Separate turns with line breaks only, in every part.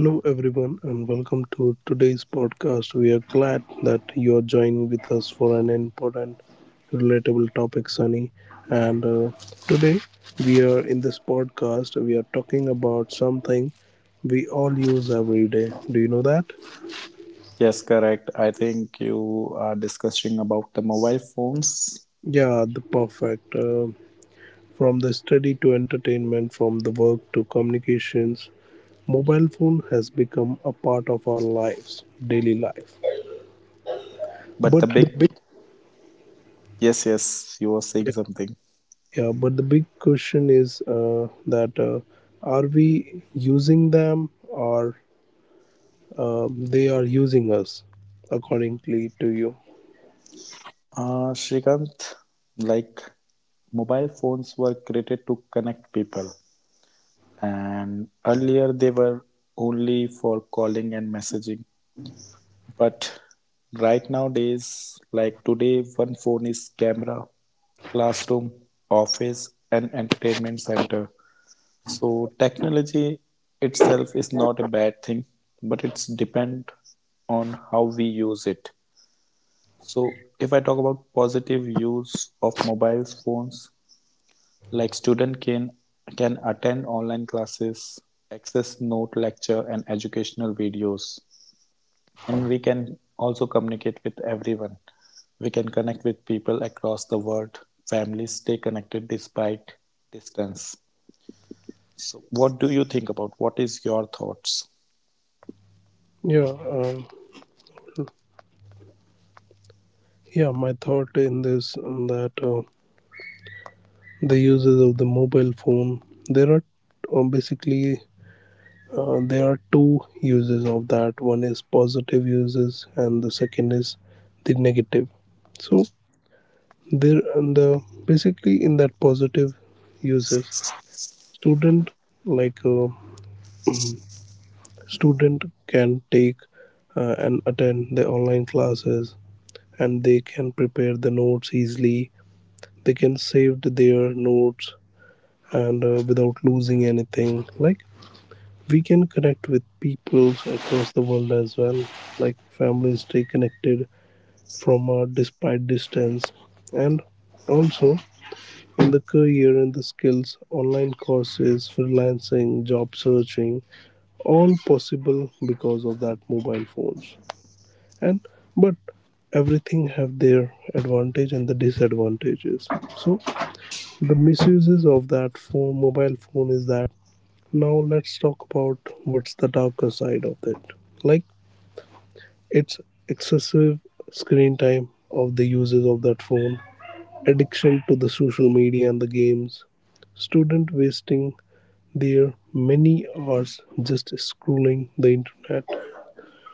Hello, everyone, and welcome to today's podcast. We are glad that you are joining with us for an important, relatable topic, Sunny. And Today, we are in this podcast, we are talking about something we all use every day. Do you know that?
Yes, correct. I think you are discussing about the mobile phones,
Yeah, the perfect. From the study to entertainment, from the work to communications, mobile phone has become a part of our lives, daily life.
but the
But
big
the big
yes, yes, you were saying
yeah,
something.
Yeah, but the big question is that are we using them, or they are using us, accordingly to you?
Shrikant, like mobile phones were created to connect people, and earlier they were only for calling and messaging. But right nowadays, like today, one phone is camera, classroom, office, and entertainment center. So technology itself is not a bad thing, but it's depend on how we use it. So if I talk about positive use of mobile phones, like student can attend online classes, access note lecture and educational videos, and we can also communicate with everyone. We can connect with people across the world. Families stay connected despite distance. So what do you think about? What is your thoughts?
Yeah, uh, yeah. My thought in this that the uses of the mobile phone there are basically, there are two uses of that. One is positive uses, and the second is the negative. So, there and the basically in that positive uses, Student like a student can take and attend the online classes, and they can prepare the notes easily, they can save their notes, and without losing anything. Like, we can connect with peoples across the world as well. Like, families stay connected from despite distance. And also, in the career and the skills, online courses, freelancing, job searching, all possible because of that mobile phones. And but, everything have their advantage and the disadvantages. So, the misuses of that phone, mobile phone, is that, now let's talk about what's the darker side of it. Like, it's excessive screen time of the users of that phone, addiction to the social media and the games, student wasting their many hours just scrolling the internet.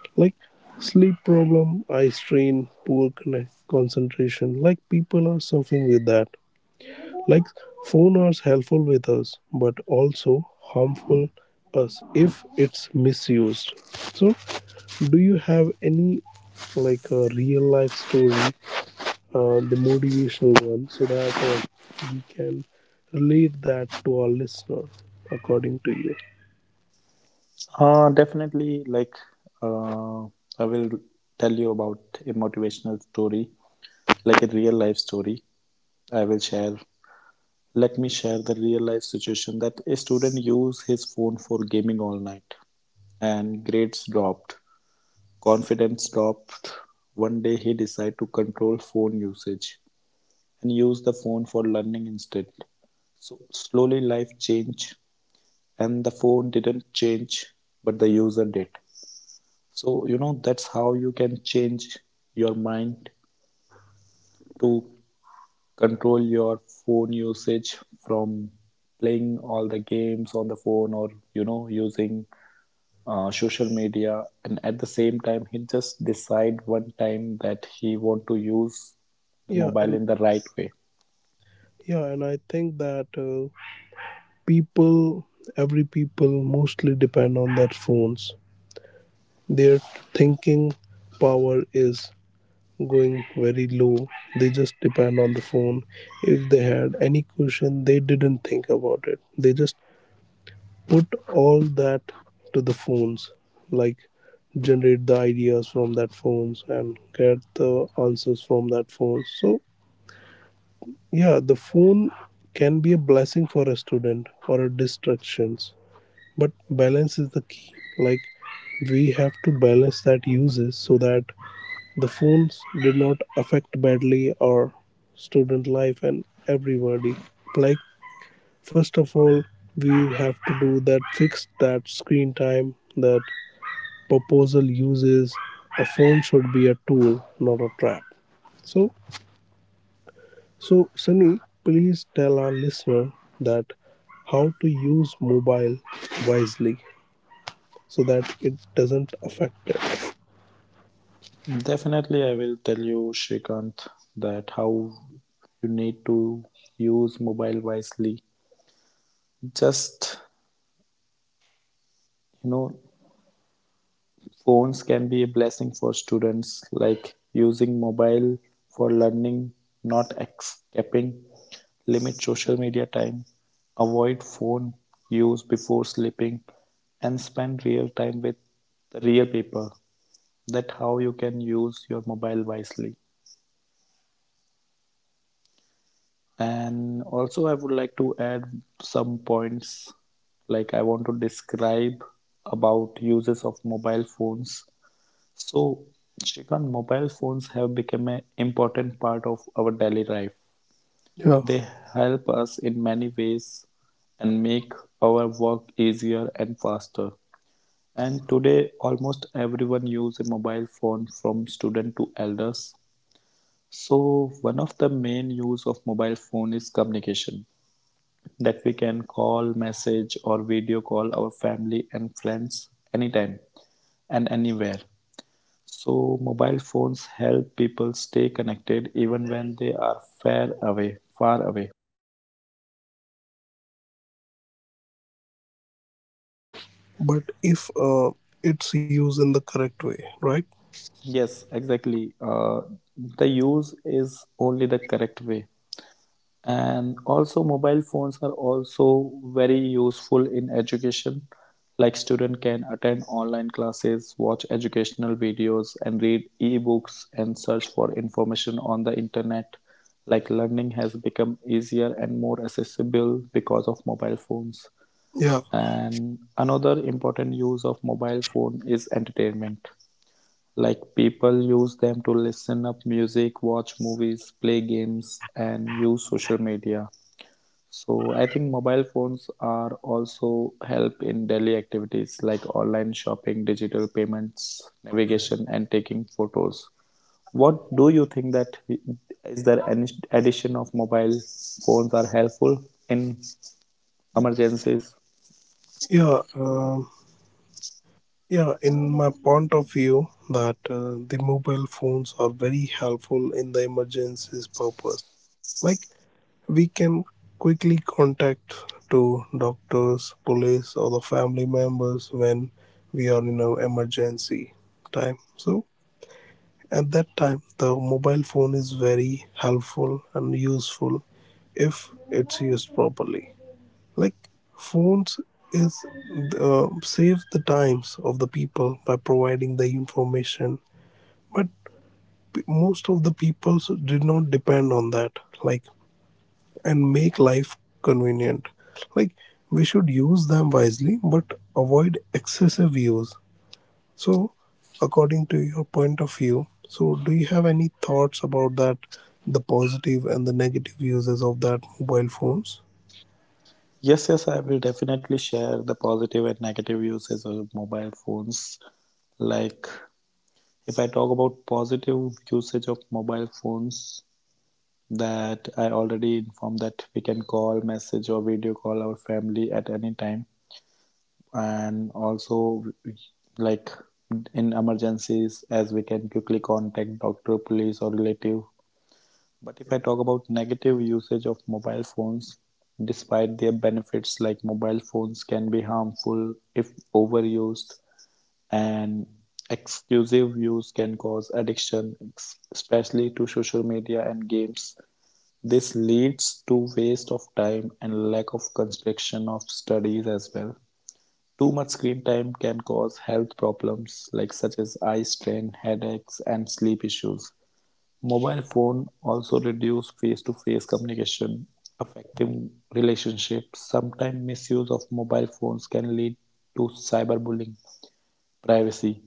Like, sleep problem, eye strain, concentration. Like, people are suffering with that. Like, phone are helpful with us, but also harmful us if it's misused. So, do you have any, like, a real life story, the motivational one, so that we can relate that to our listener, according to you?
Definitely, like uh, I will tell you about a motivational story, like a real life story. I will share. Let me share the real life situation that a student used his phone for gaming all night, and grades dropped, confidence dropped. One day he decided to control phone usage and use the phone for learning instead. So slowly life changed, and the phone didn't change, but the user did. So, you know, that's how you can change your mind to control your phone usage from playing all the games on the phone or, you know, using social media. And at the same time, he just decide one time that he want to use the
yeah and
mobile in the right way.
yeah and I think that people, every people, mostly depend on their phones. Their thinking power is going very low. They just depend on the phone. If they had any question, they didn't think about it, they just put all that to the phones. Like, generate the ideas from that phones and get the answers from that phone. So, yeah, the phone can be a blessing for a student or a distractions, but balance is the key. Like, we have to balance that uses so that the phones did not affect badly our student life and everybody. Like, first of all, we have to do that, fix that screen time, that proposal uses. A phone should be a tool, not a trap. So, Sunny, please tell our listener that how to use mobile wisely, so that it doesn't affect it.
Definitely, I will tell you, Shrikant, that how you need to use mobile wisely. Just, you know, phones can be a blessing for students, like using mobile for learning, not escaping, limit social media time, avoid phone use before sleeping, and spend real time with the real people. That how you can use your mobile wisely. And also, I would like to add some points like I want to describe about uses of mobile phones. So, Shrikant, mobile phones have become an important part of our daily life.
Yeah,
They help us in many ways and make our work easier and faster. And today, almost everyone uses a mobile phone from student to elders. So, one of the main use of mobile phone is communication that we can call, message or video call our family and friends anytime and anywhere. So mobile phones help people stay connected even when they are far away.
but if it's used in the correct way, right?
Yes, exactly. The use is only the correct way. And also mobile phones are also very useful in education. Like student can attend online classes, watch educational videos and read ebooks and search for information on the internet. Like learning has become easier and more accessible because of mobile phones.
Yeah,
And another important use of mobile phone is entertainment. Like people use them to listen up music, watch movies, play games, and use social media. So I think mobile phones are also help in daily activities like online shopping, digital payments, navigation, and taking photos. What do you think that is there any addition of mobile phones are helpful in emergencies?
yeah, um yeah. In my point of view, that the mobile phones are very helpful in the emergencies purpose. Like, we can quickly contact to doctors, police, or the family members when we are in an emergency time. So, at that time, the mobile phone is very helpful and useful if it's used properly. Like, phones is, save the times of the people by providing the information, but most of the people did not depend on that. Like, and make life convenient. Like, we should use them wisely, but avoid excessive use. So, according to your point of view, so, do you have any thoughts about that, the positive and the negative uses of that mobile phones?
Yes, yes, I will definitely share the positive and negative usage of mobile phones. Like, if I talk about positive usage of mobile phones, that I already informed that we can call, message, or video call our family at any time, and also like in emergencies, as we can quickly contact doctor, police, or relative. But if I talk about negative usage of mobile phones, despite their benefits, like mobile phones can be harmful if overused, and exclusive use can cause addiction, especially to social media and games. This leads to waste of time and lack of construction of studies as well. Too much screen time can cause health problems like such as eye strain, headaches and sleep issues. Mobile phone also reduce face-to-face communication, affecting relationships. Sometimes misuse of mobile phones can lead to cyberbullying, privacy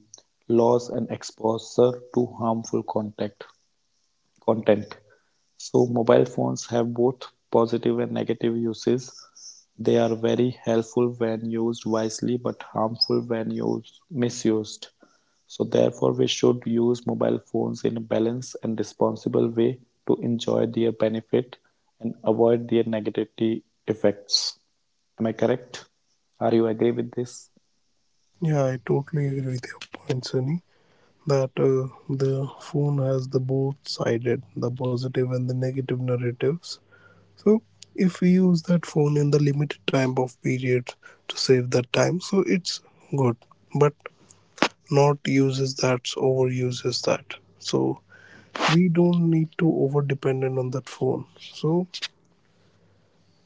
loss, and exposure to harmful contact content. So mobile phones have both positive and negative uses. They are very helpful when used wisely, but harmful when used misused. So therefore we should use mobile phones in a balanced and responsible way to enjoy their benefit and avoid their negativity effects. Am I correct? Are you agree with this?
Yeah, I totally agree with your point, Sunny. That the phone has the both sided, the positive and the negative narratives. So, if we use that phone in the limited time of period to save that time, so it's good, but not uses that, overuses that. So, we don't need to over dependent on that phone. So,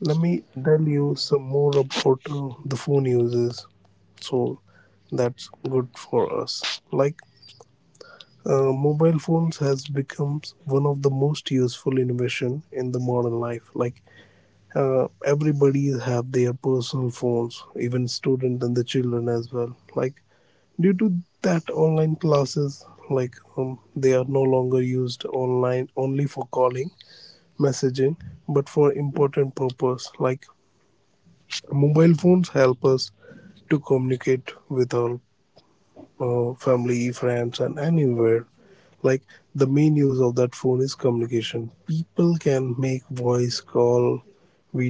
let me tell you some more about the phone uses. So, that's good for us. Like, mobile phones has become one of the most useful innovation in the modern life. Like, everybody have their personal phones, even student and the children as well. Like, due to that online classes, like they are no longer used online only for calling, messaging, but for important purpose. Like, mobile phones help us to communicate with our family, friends, and anywhere. Like, the main use of that phone is communication. People can make voice call,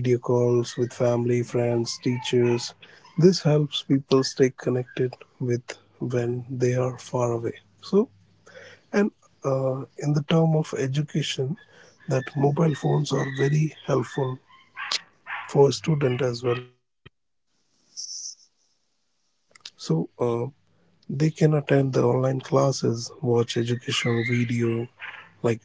video calls, with family, friends, teachers. This helps people stay connected with when they are far away. So, and uh, in the term of education, that mobile phones are very helpful for student as well. So, they can attend the online classes, watch educational video,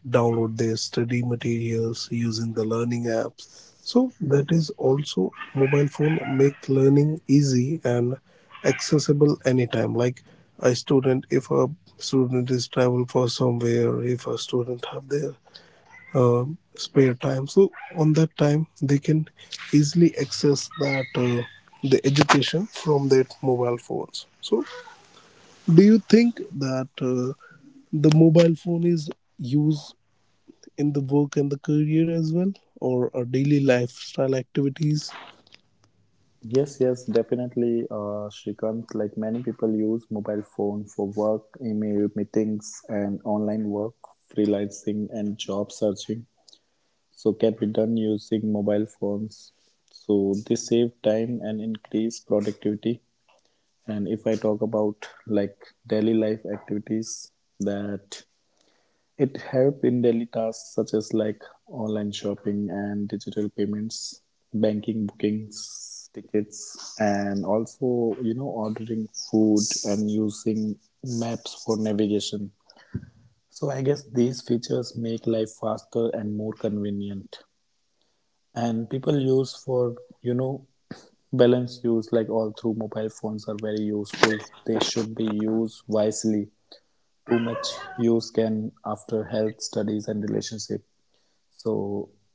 like, download their study materials using the learning apps. So, that is also mobile phone make learning easy and accessible anytime. Like, a student, if a student is travel for somewhere, if a student have their uh, spare time, so on that time they can easily access that the education from their mobile phones. So, do you think that the mobile phone is used in the work and the career as well, or daily lifestyle activities?
Yes, yes, definitely, Shrikant. Like many people use mobile phone for work, email, meetings, and online work, freelancing, and job searching. So can be done using mobile phones. So they save time and increase productivity. And if I talk about like daily life activities that it help in daily tasks such as like online shopping and digital payments, banking bookings, tickets, and also you know ordering food and using maps for navigation. So I guess these features make life faster and more convenient and people use for, you know, balance use like all through mobile phones are very useful, they should be used wisely. Too much use can after health studies and relationship, so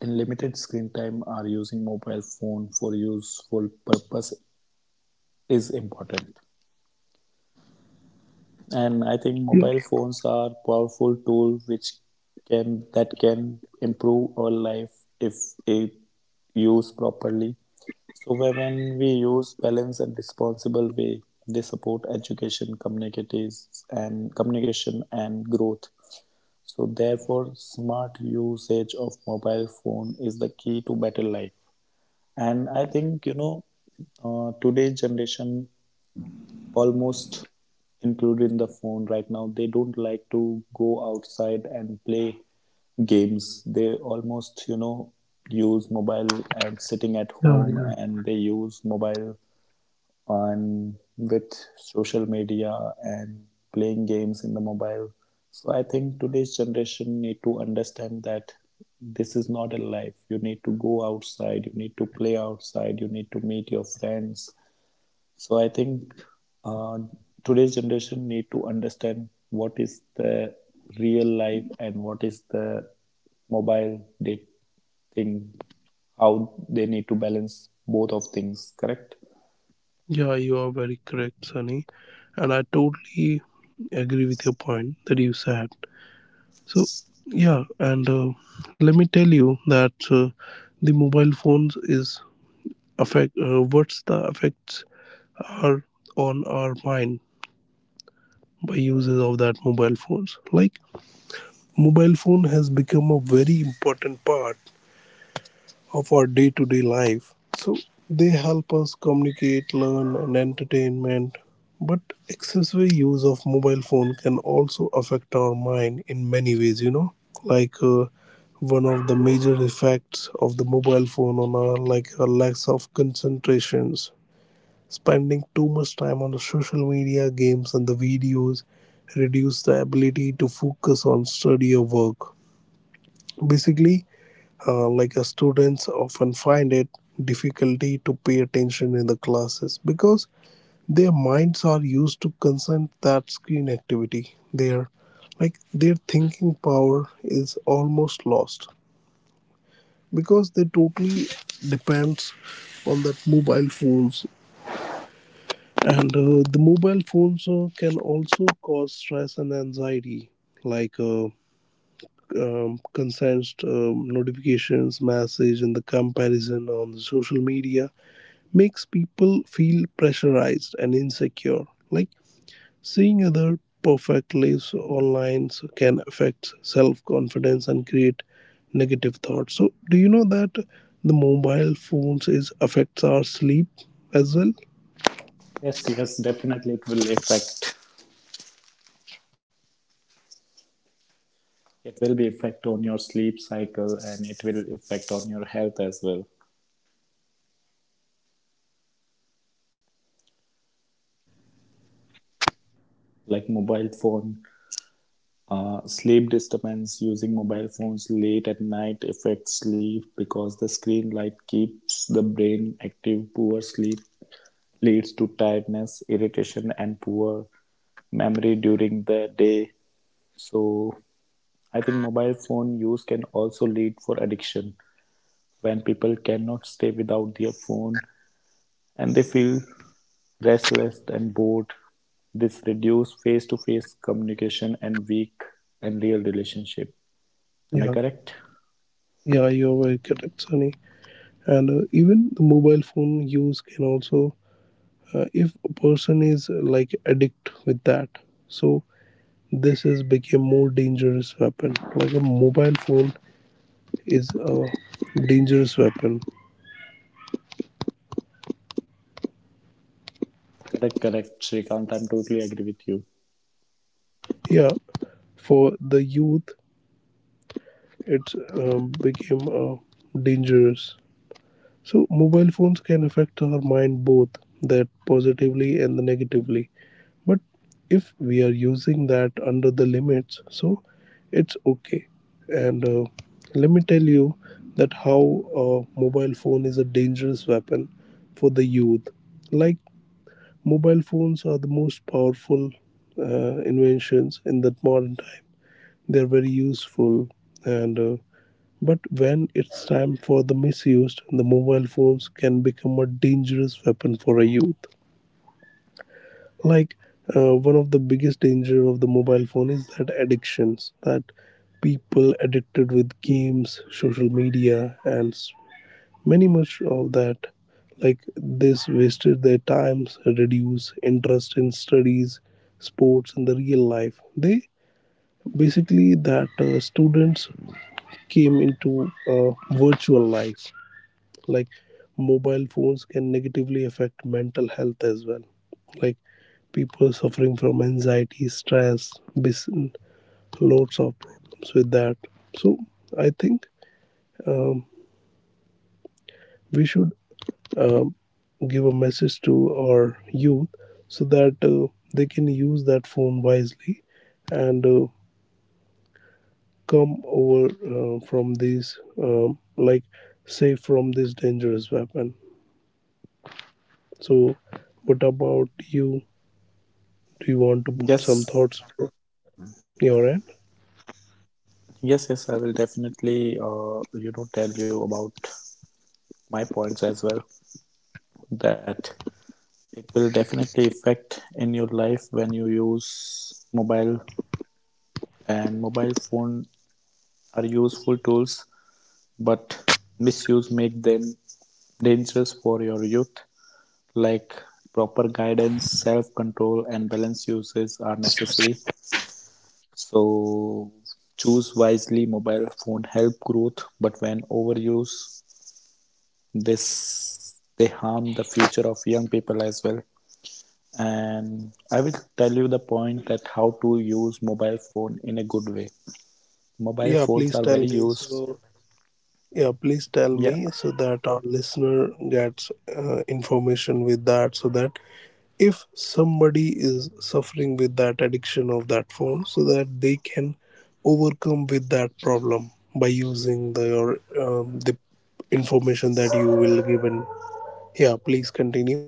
in limited screen time are using mobile phone for useful purpose is important. And I think mobile
yeah
phones are powerful tool which can that can improve our life if it used properly. So when we use balance and responsible way, they support education communities and communication and growth. So therefore smart usage of mobile phone is the key to better life. And I think, you know, today's generation almost included in the phone right now. They don't like to go outside and play games. They almost, you know, use mobile and sitting at home
yeah yeah
and they use mobile on with social media and playing games in the mobile. So I think today's generation need to understand that this is not a life. You need to go outside, you need to play outside, you need to meet your friends. So I think uh, today's generation need to understand what is the real life and what is the mobile date thing, how they need to balance both of things, correct?
yeah You are very correct, Sunny, and I totally agree with your point that you said. So, yeah, and let me tell you that the mobile phones is affect, what's the effects are on our mind by uses of that mobile phones. Like, mobile phone has become a very important part of our day to day life. So, they help us communicate, learn, and entertainment. But excessive use of mobile phone can also affect our mind in many ways. You know, like, one of the major effects of the mobile phone on our, like, our lack of concentrations. Spending too much time on the social media, games, and the videos reduce the ability to focus on study or work. Basically, students often find it difficulty to pay attention in the classes because their minds are used to consent that screen activity. Their, like, their thinking power is almost lost because they totally depends on that mobile phones. And the mobile phones can also cause stress and anxiety. Like, consent notifications, message, and the comparison on the social media makes people feel pressurized and insecure. Like, seeing other perfect lives online so can affect self confidence and create negative thoughts. So, do you know that the mobile phones is affects our sleep as well?
Yes, yes, definitely it will affect. It will be effect on your sleep cycle and it will affect on your health as well. Like mobile phone. Sleep disturbance using mobile phones late at night affects sleep because the screen light keeps the brain active. Poor sleep leads to tiredness, irritation, and poor memory during the day. So, I think mobile phone use can also lead for addiction when people cannot stay without their phone and they feel restless and bored. This reduces face-to-face communication and weak and real relationship. Am I
Yeah,
correct?
yeah, you're very correct, Sunny. And even the mobile phone use can also, if a person is like addict with that, so this is become more dangerous weapon. Like, a mobile phone is a dangerous weapon.
Correct, correct, Srikanth. I'm totally agree with you.
Yeah, for the youth, it became dangerous. So, mobile phones can affect our mind both that positively and the negatively. But if we are using that under the limits, so it's okay. And let me tell you that how a mobile phone is a dangerous weapon for the youth. Like, mobile phones are the most powerful inventions in that modern time. They're very useful, and but when it's time for the misused, the mobile phones can become a dangerous weapon for a youth. Like, one of the biggest danger of the mobile phone is that addictions that people addicted with games, social media, and many much of that, like, this, wasted their times, reduce interest in studies, sports, and the real life. They basically, that students came into a virtual life. Like, mobile phones can negatively affect mental health as well. Like, people suffering from anxiety, stress, bis- lots of problems with that. So, I think um, we should uh, give a message to our youth, so that they can use that phone wisely and come over from these, like, safe from this dangerous weapon. So, what about you, do you want to put some
Yes,
thoughts from your end?
yes, yes. I will definitely, you know, tell you about my points as well. That it will definitely affect in your life when you use mobile and mobile phone are useful tools, but misuse make them dangerous for your youth. Like proper guidance, self-control, and balanced uses are necessary. So choose wisely. Mobile phone help growth, but when overuse, this they harm the future of young people as well. And I will tell you the point that how to use mobile phone in a good way. Mobile
yeah
phones
please
are
tell
very
me so
used.
Yeah, please tell
Yeah,
me so that our listener gets information with that, so that if somebody is suffering with that addiction of that phone, so that they can overcome with that problem by using the your the information that you will given. Yeah, please continue.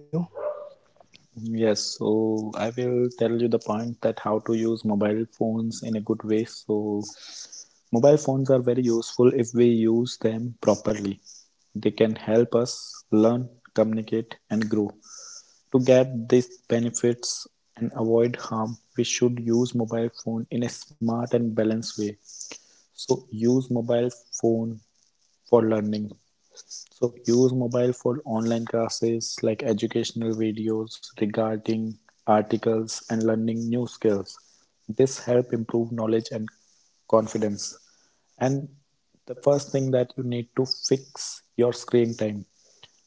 yes. So I will tell you the point that how to use mobile phones in a good way. So mobile phones are very useful if we use them properly. They can help us learn, communicate, and grow. To get these benefits and avoid harm, we should use mobile phone in a smart and balanced way. So use mobile phone for learning, so use mobile for online classes like educational videos regarding articles and learning new skills. This help improve knowledge and confidence. And the first thing that you need to fix your screen time.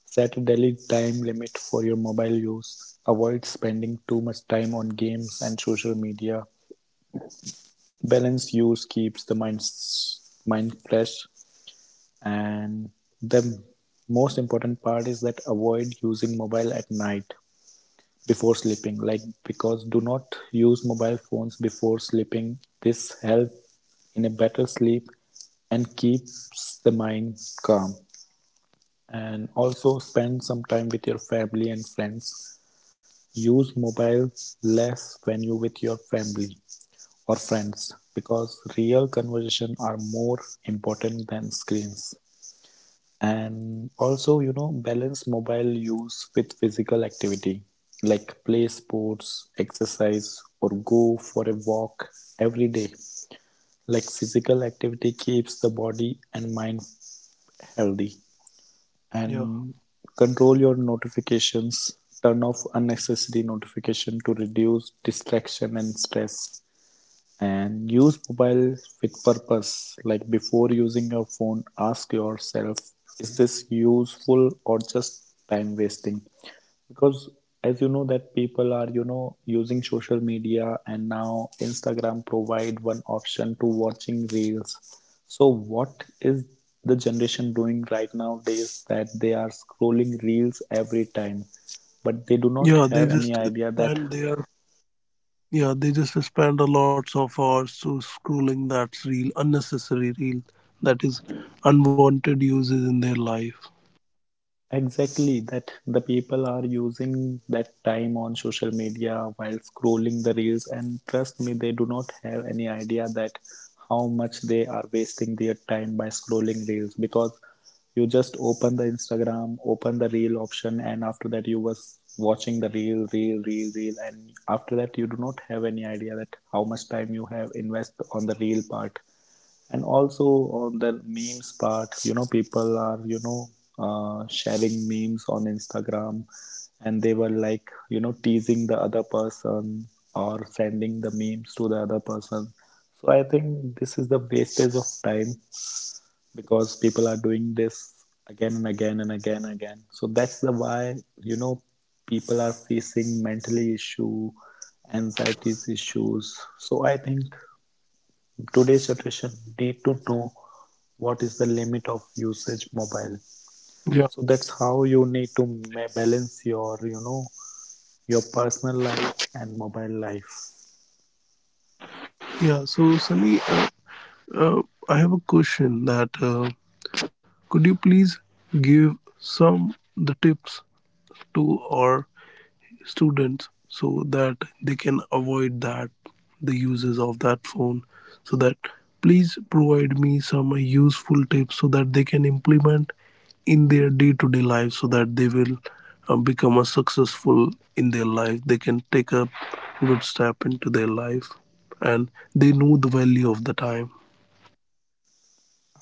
Set a daily time limit for your mobile use. Avoid spending too much time on games and social media. Balanced use keeps the mind fresh. And the most important part is that avoid using mobile at night before sleeping. Like because do not use mobile phones before sleeping. This helps in a better sleep and keeps the mind calm. And also spend some time with your family and friends. Use mobile less when you with your family or friends because real conversation are more important than screens. And also, balance mobile use with physical activity, like play sports, exercise, or go for a walk every day. Like physical activity keeps the body and mind healthy.
Yeah,
And control your notifications. Turn off unnecessary notification to reduce distraction and stress. And use mobile with purpose, like before using your phone ask yourself, is this useful or just time wasting? Because as you know that people are, using social media, and now Instagram provide one option to watching reels. So what is the generation doing right nowadays, that they are scrolling reels every time, but they do
yeah
not
they
have
just
any idea that.
stand there. Yeah, they just spend a lots of hours to scrolling. That's real unnecessary. Real, that is unwanted uses in their life.
Exactly, that the people are using that time on social media while scrolling the reels, and trust me, they do not have any idea that how much they are wasting their time by scrolling reels. Because you just open the Instagram, open the reel option, and after that, you was watching the reel, reel, reel, reel, and after that, you do not have any idea that how much time you have invest on the reel part. And also on the memes part, people are, sharing memes on Instagram, and they were like, teasing the other person or sending the memes to the other person. So I think this is the wastage of time, because people are doing this again and again and again and again. So that's the why, people are facing mentally issue, anxieties issues. So I think today's generation need to know what is the limit of usage mobile.
Yeah.
So that's how you need to balance your, your personal life and mobile life.
Yeah. So, Sunny, uh, I have a question, that could you please give some the tips to our students so that they can avoid that the uses of that phone, so that, please provide me some useful tips so that they can implement in their day-to-day life, so that they will become a successful in their life, they can take a good step into their life, and they know the value of the time.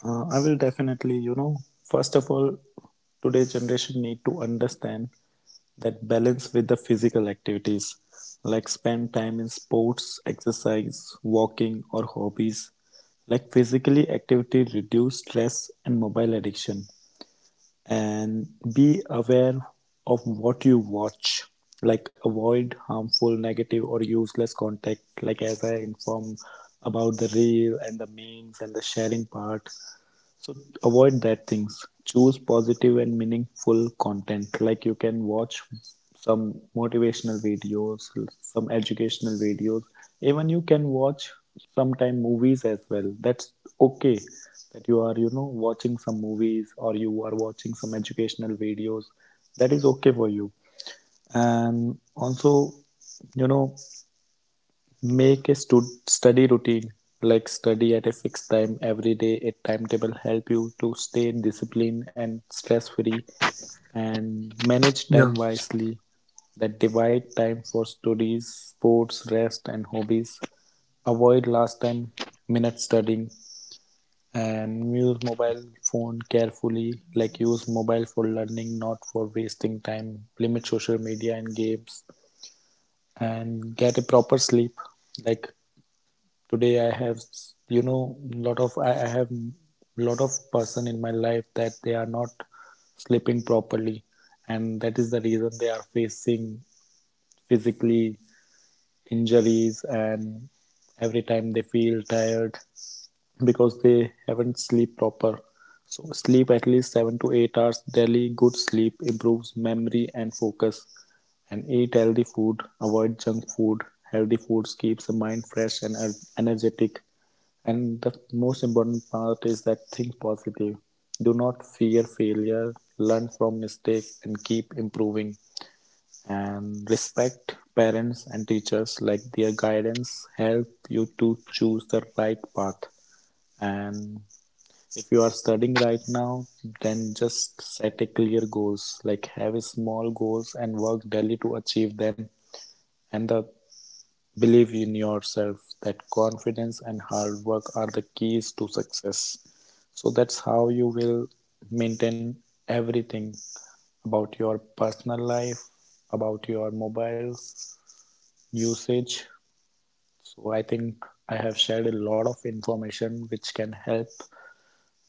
I will definitely, first of all, today's generation need to understand that balance with the physical activities, like spend time in sports, exercise, walking, or hobbies. Like physically activity reduce stress and mobile addiction. And be aware of what you watch, like avoid harmful, negative, or useless content, like as I informed about the reel and the memes and the sharing part. So avoid that things. Choose positive and meaningful content. Like you can watch some motivational videos, some educational videos. Even you can watch sometime movies as well. That's okay. That you are, watching some movies or you are watching some educational videos. That is okay for you. And also, you know, make a study routine, like study at a fixed time every day. A timetable help you to stay disciplined and stress free, and
Yeah.
manage time wisely. That divide time for studies, sports, rest, and hobbies. Avoid last time minute studying, and use mobile phone carefully, like use mobile for learning, not for wasting time. Limit social media and games, and get a proper sleep. Like today I have, lot of I have lot of person in my life that they are not sleeping properly, and that is the reason they are facing physically injuries, and every time they feel tired because they haven't sleep proper. So sleep at least 7 to 8 hours daily. Good sleep improves memory and focus. And eat healthy food, avoid junk food. Healthy foods keeps the mind fresh and energetic. And the most important part is that think positive. Do not fear failure, learn from mistake, and keep improving. And respect parents and teachers, like their guidance help you to choose the right path. And if you are studying right now, then just set a clear goals, like have a small goals and work daily to achieve them. And the believe in yourself, that confidence and hard work are the keys to success. So that's how you will maintain everything about your personal life, about your mobile usage. So I think I have shared a lot of information which can help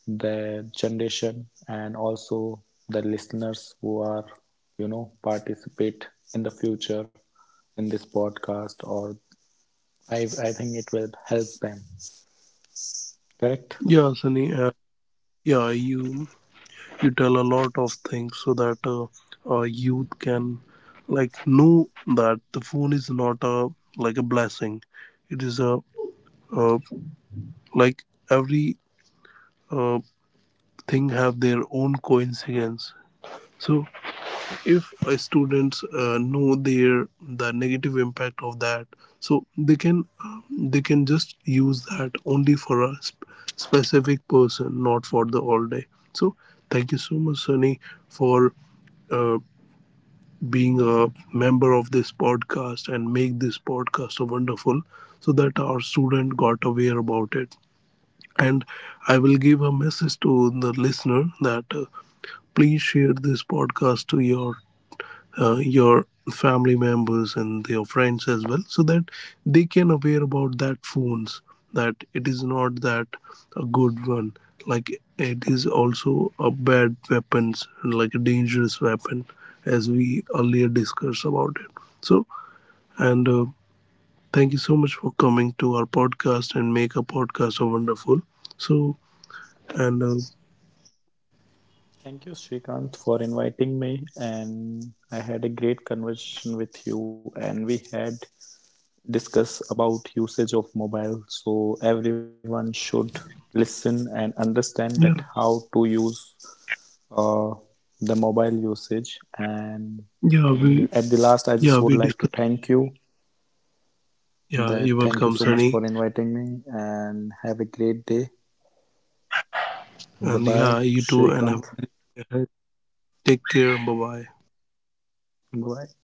the generation and also the listeners who are, participate in the future in this podcast. Or I think it will help them.
Yeah,
Correct?
Sunny, yeah, you tell a lot of things, so that youth can, like, know that the phone is not a, like, a blessing. It is a, uh, like, every uh, thing have their own coincidence. So, if students know their the negative impact of that, so they can just use that only for a specific person, not for the all day. So, thank you so much, Sunny, for uh, being a member of this podcast and make this podcast so wonderful, so that our student got aware about it. And I will give a message to the listener, that please share this podcast to your family members and your friends as well, so that they can aware about that phones, that it is not that a good one. Like, it is also a bad weapons, like a dangerous weapon, as we earlier discussed about it. So, and thank you so much for coming to our podcast and make a podcast so wonderful. So, and
Thank you, Srikant, for inviting me. And I had a great conversation with you, and we had discuss about usage of mobile, so everyone should listen and understand
yeah,
that how to use, uh, the mobile usage. And
yeah we
at the
yeah we
last I just
discussed.
would like to thank you,
Yeah, you're welcome,
that thank you
Sunny.
so much for inviting me, and have a great day.
And yeah,
Bye
you
bye,
too, and have
Shrikant.
a take care. Bye bye.
Bye.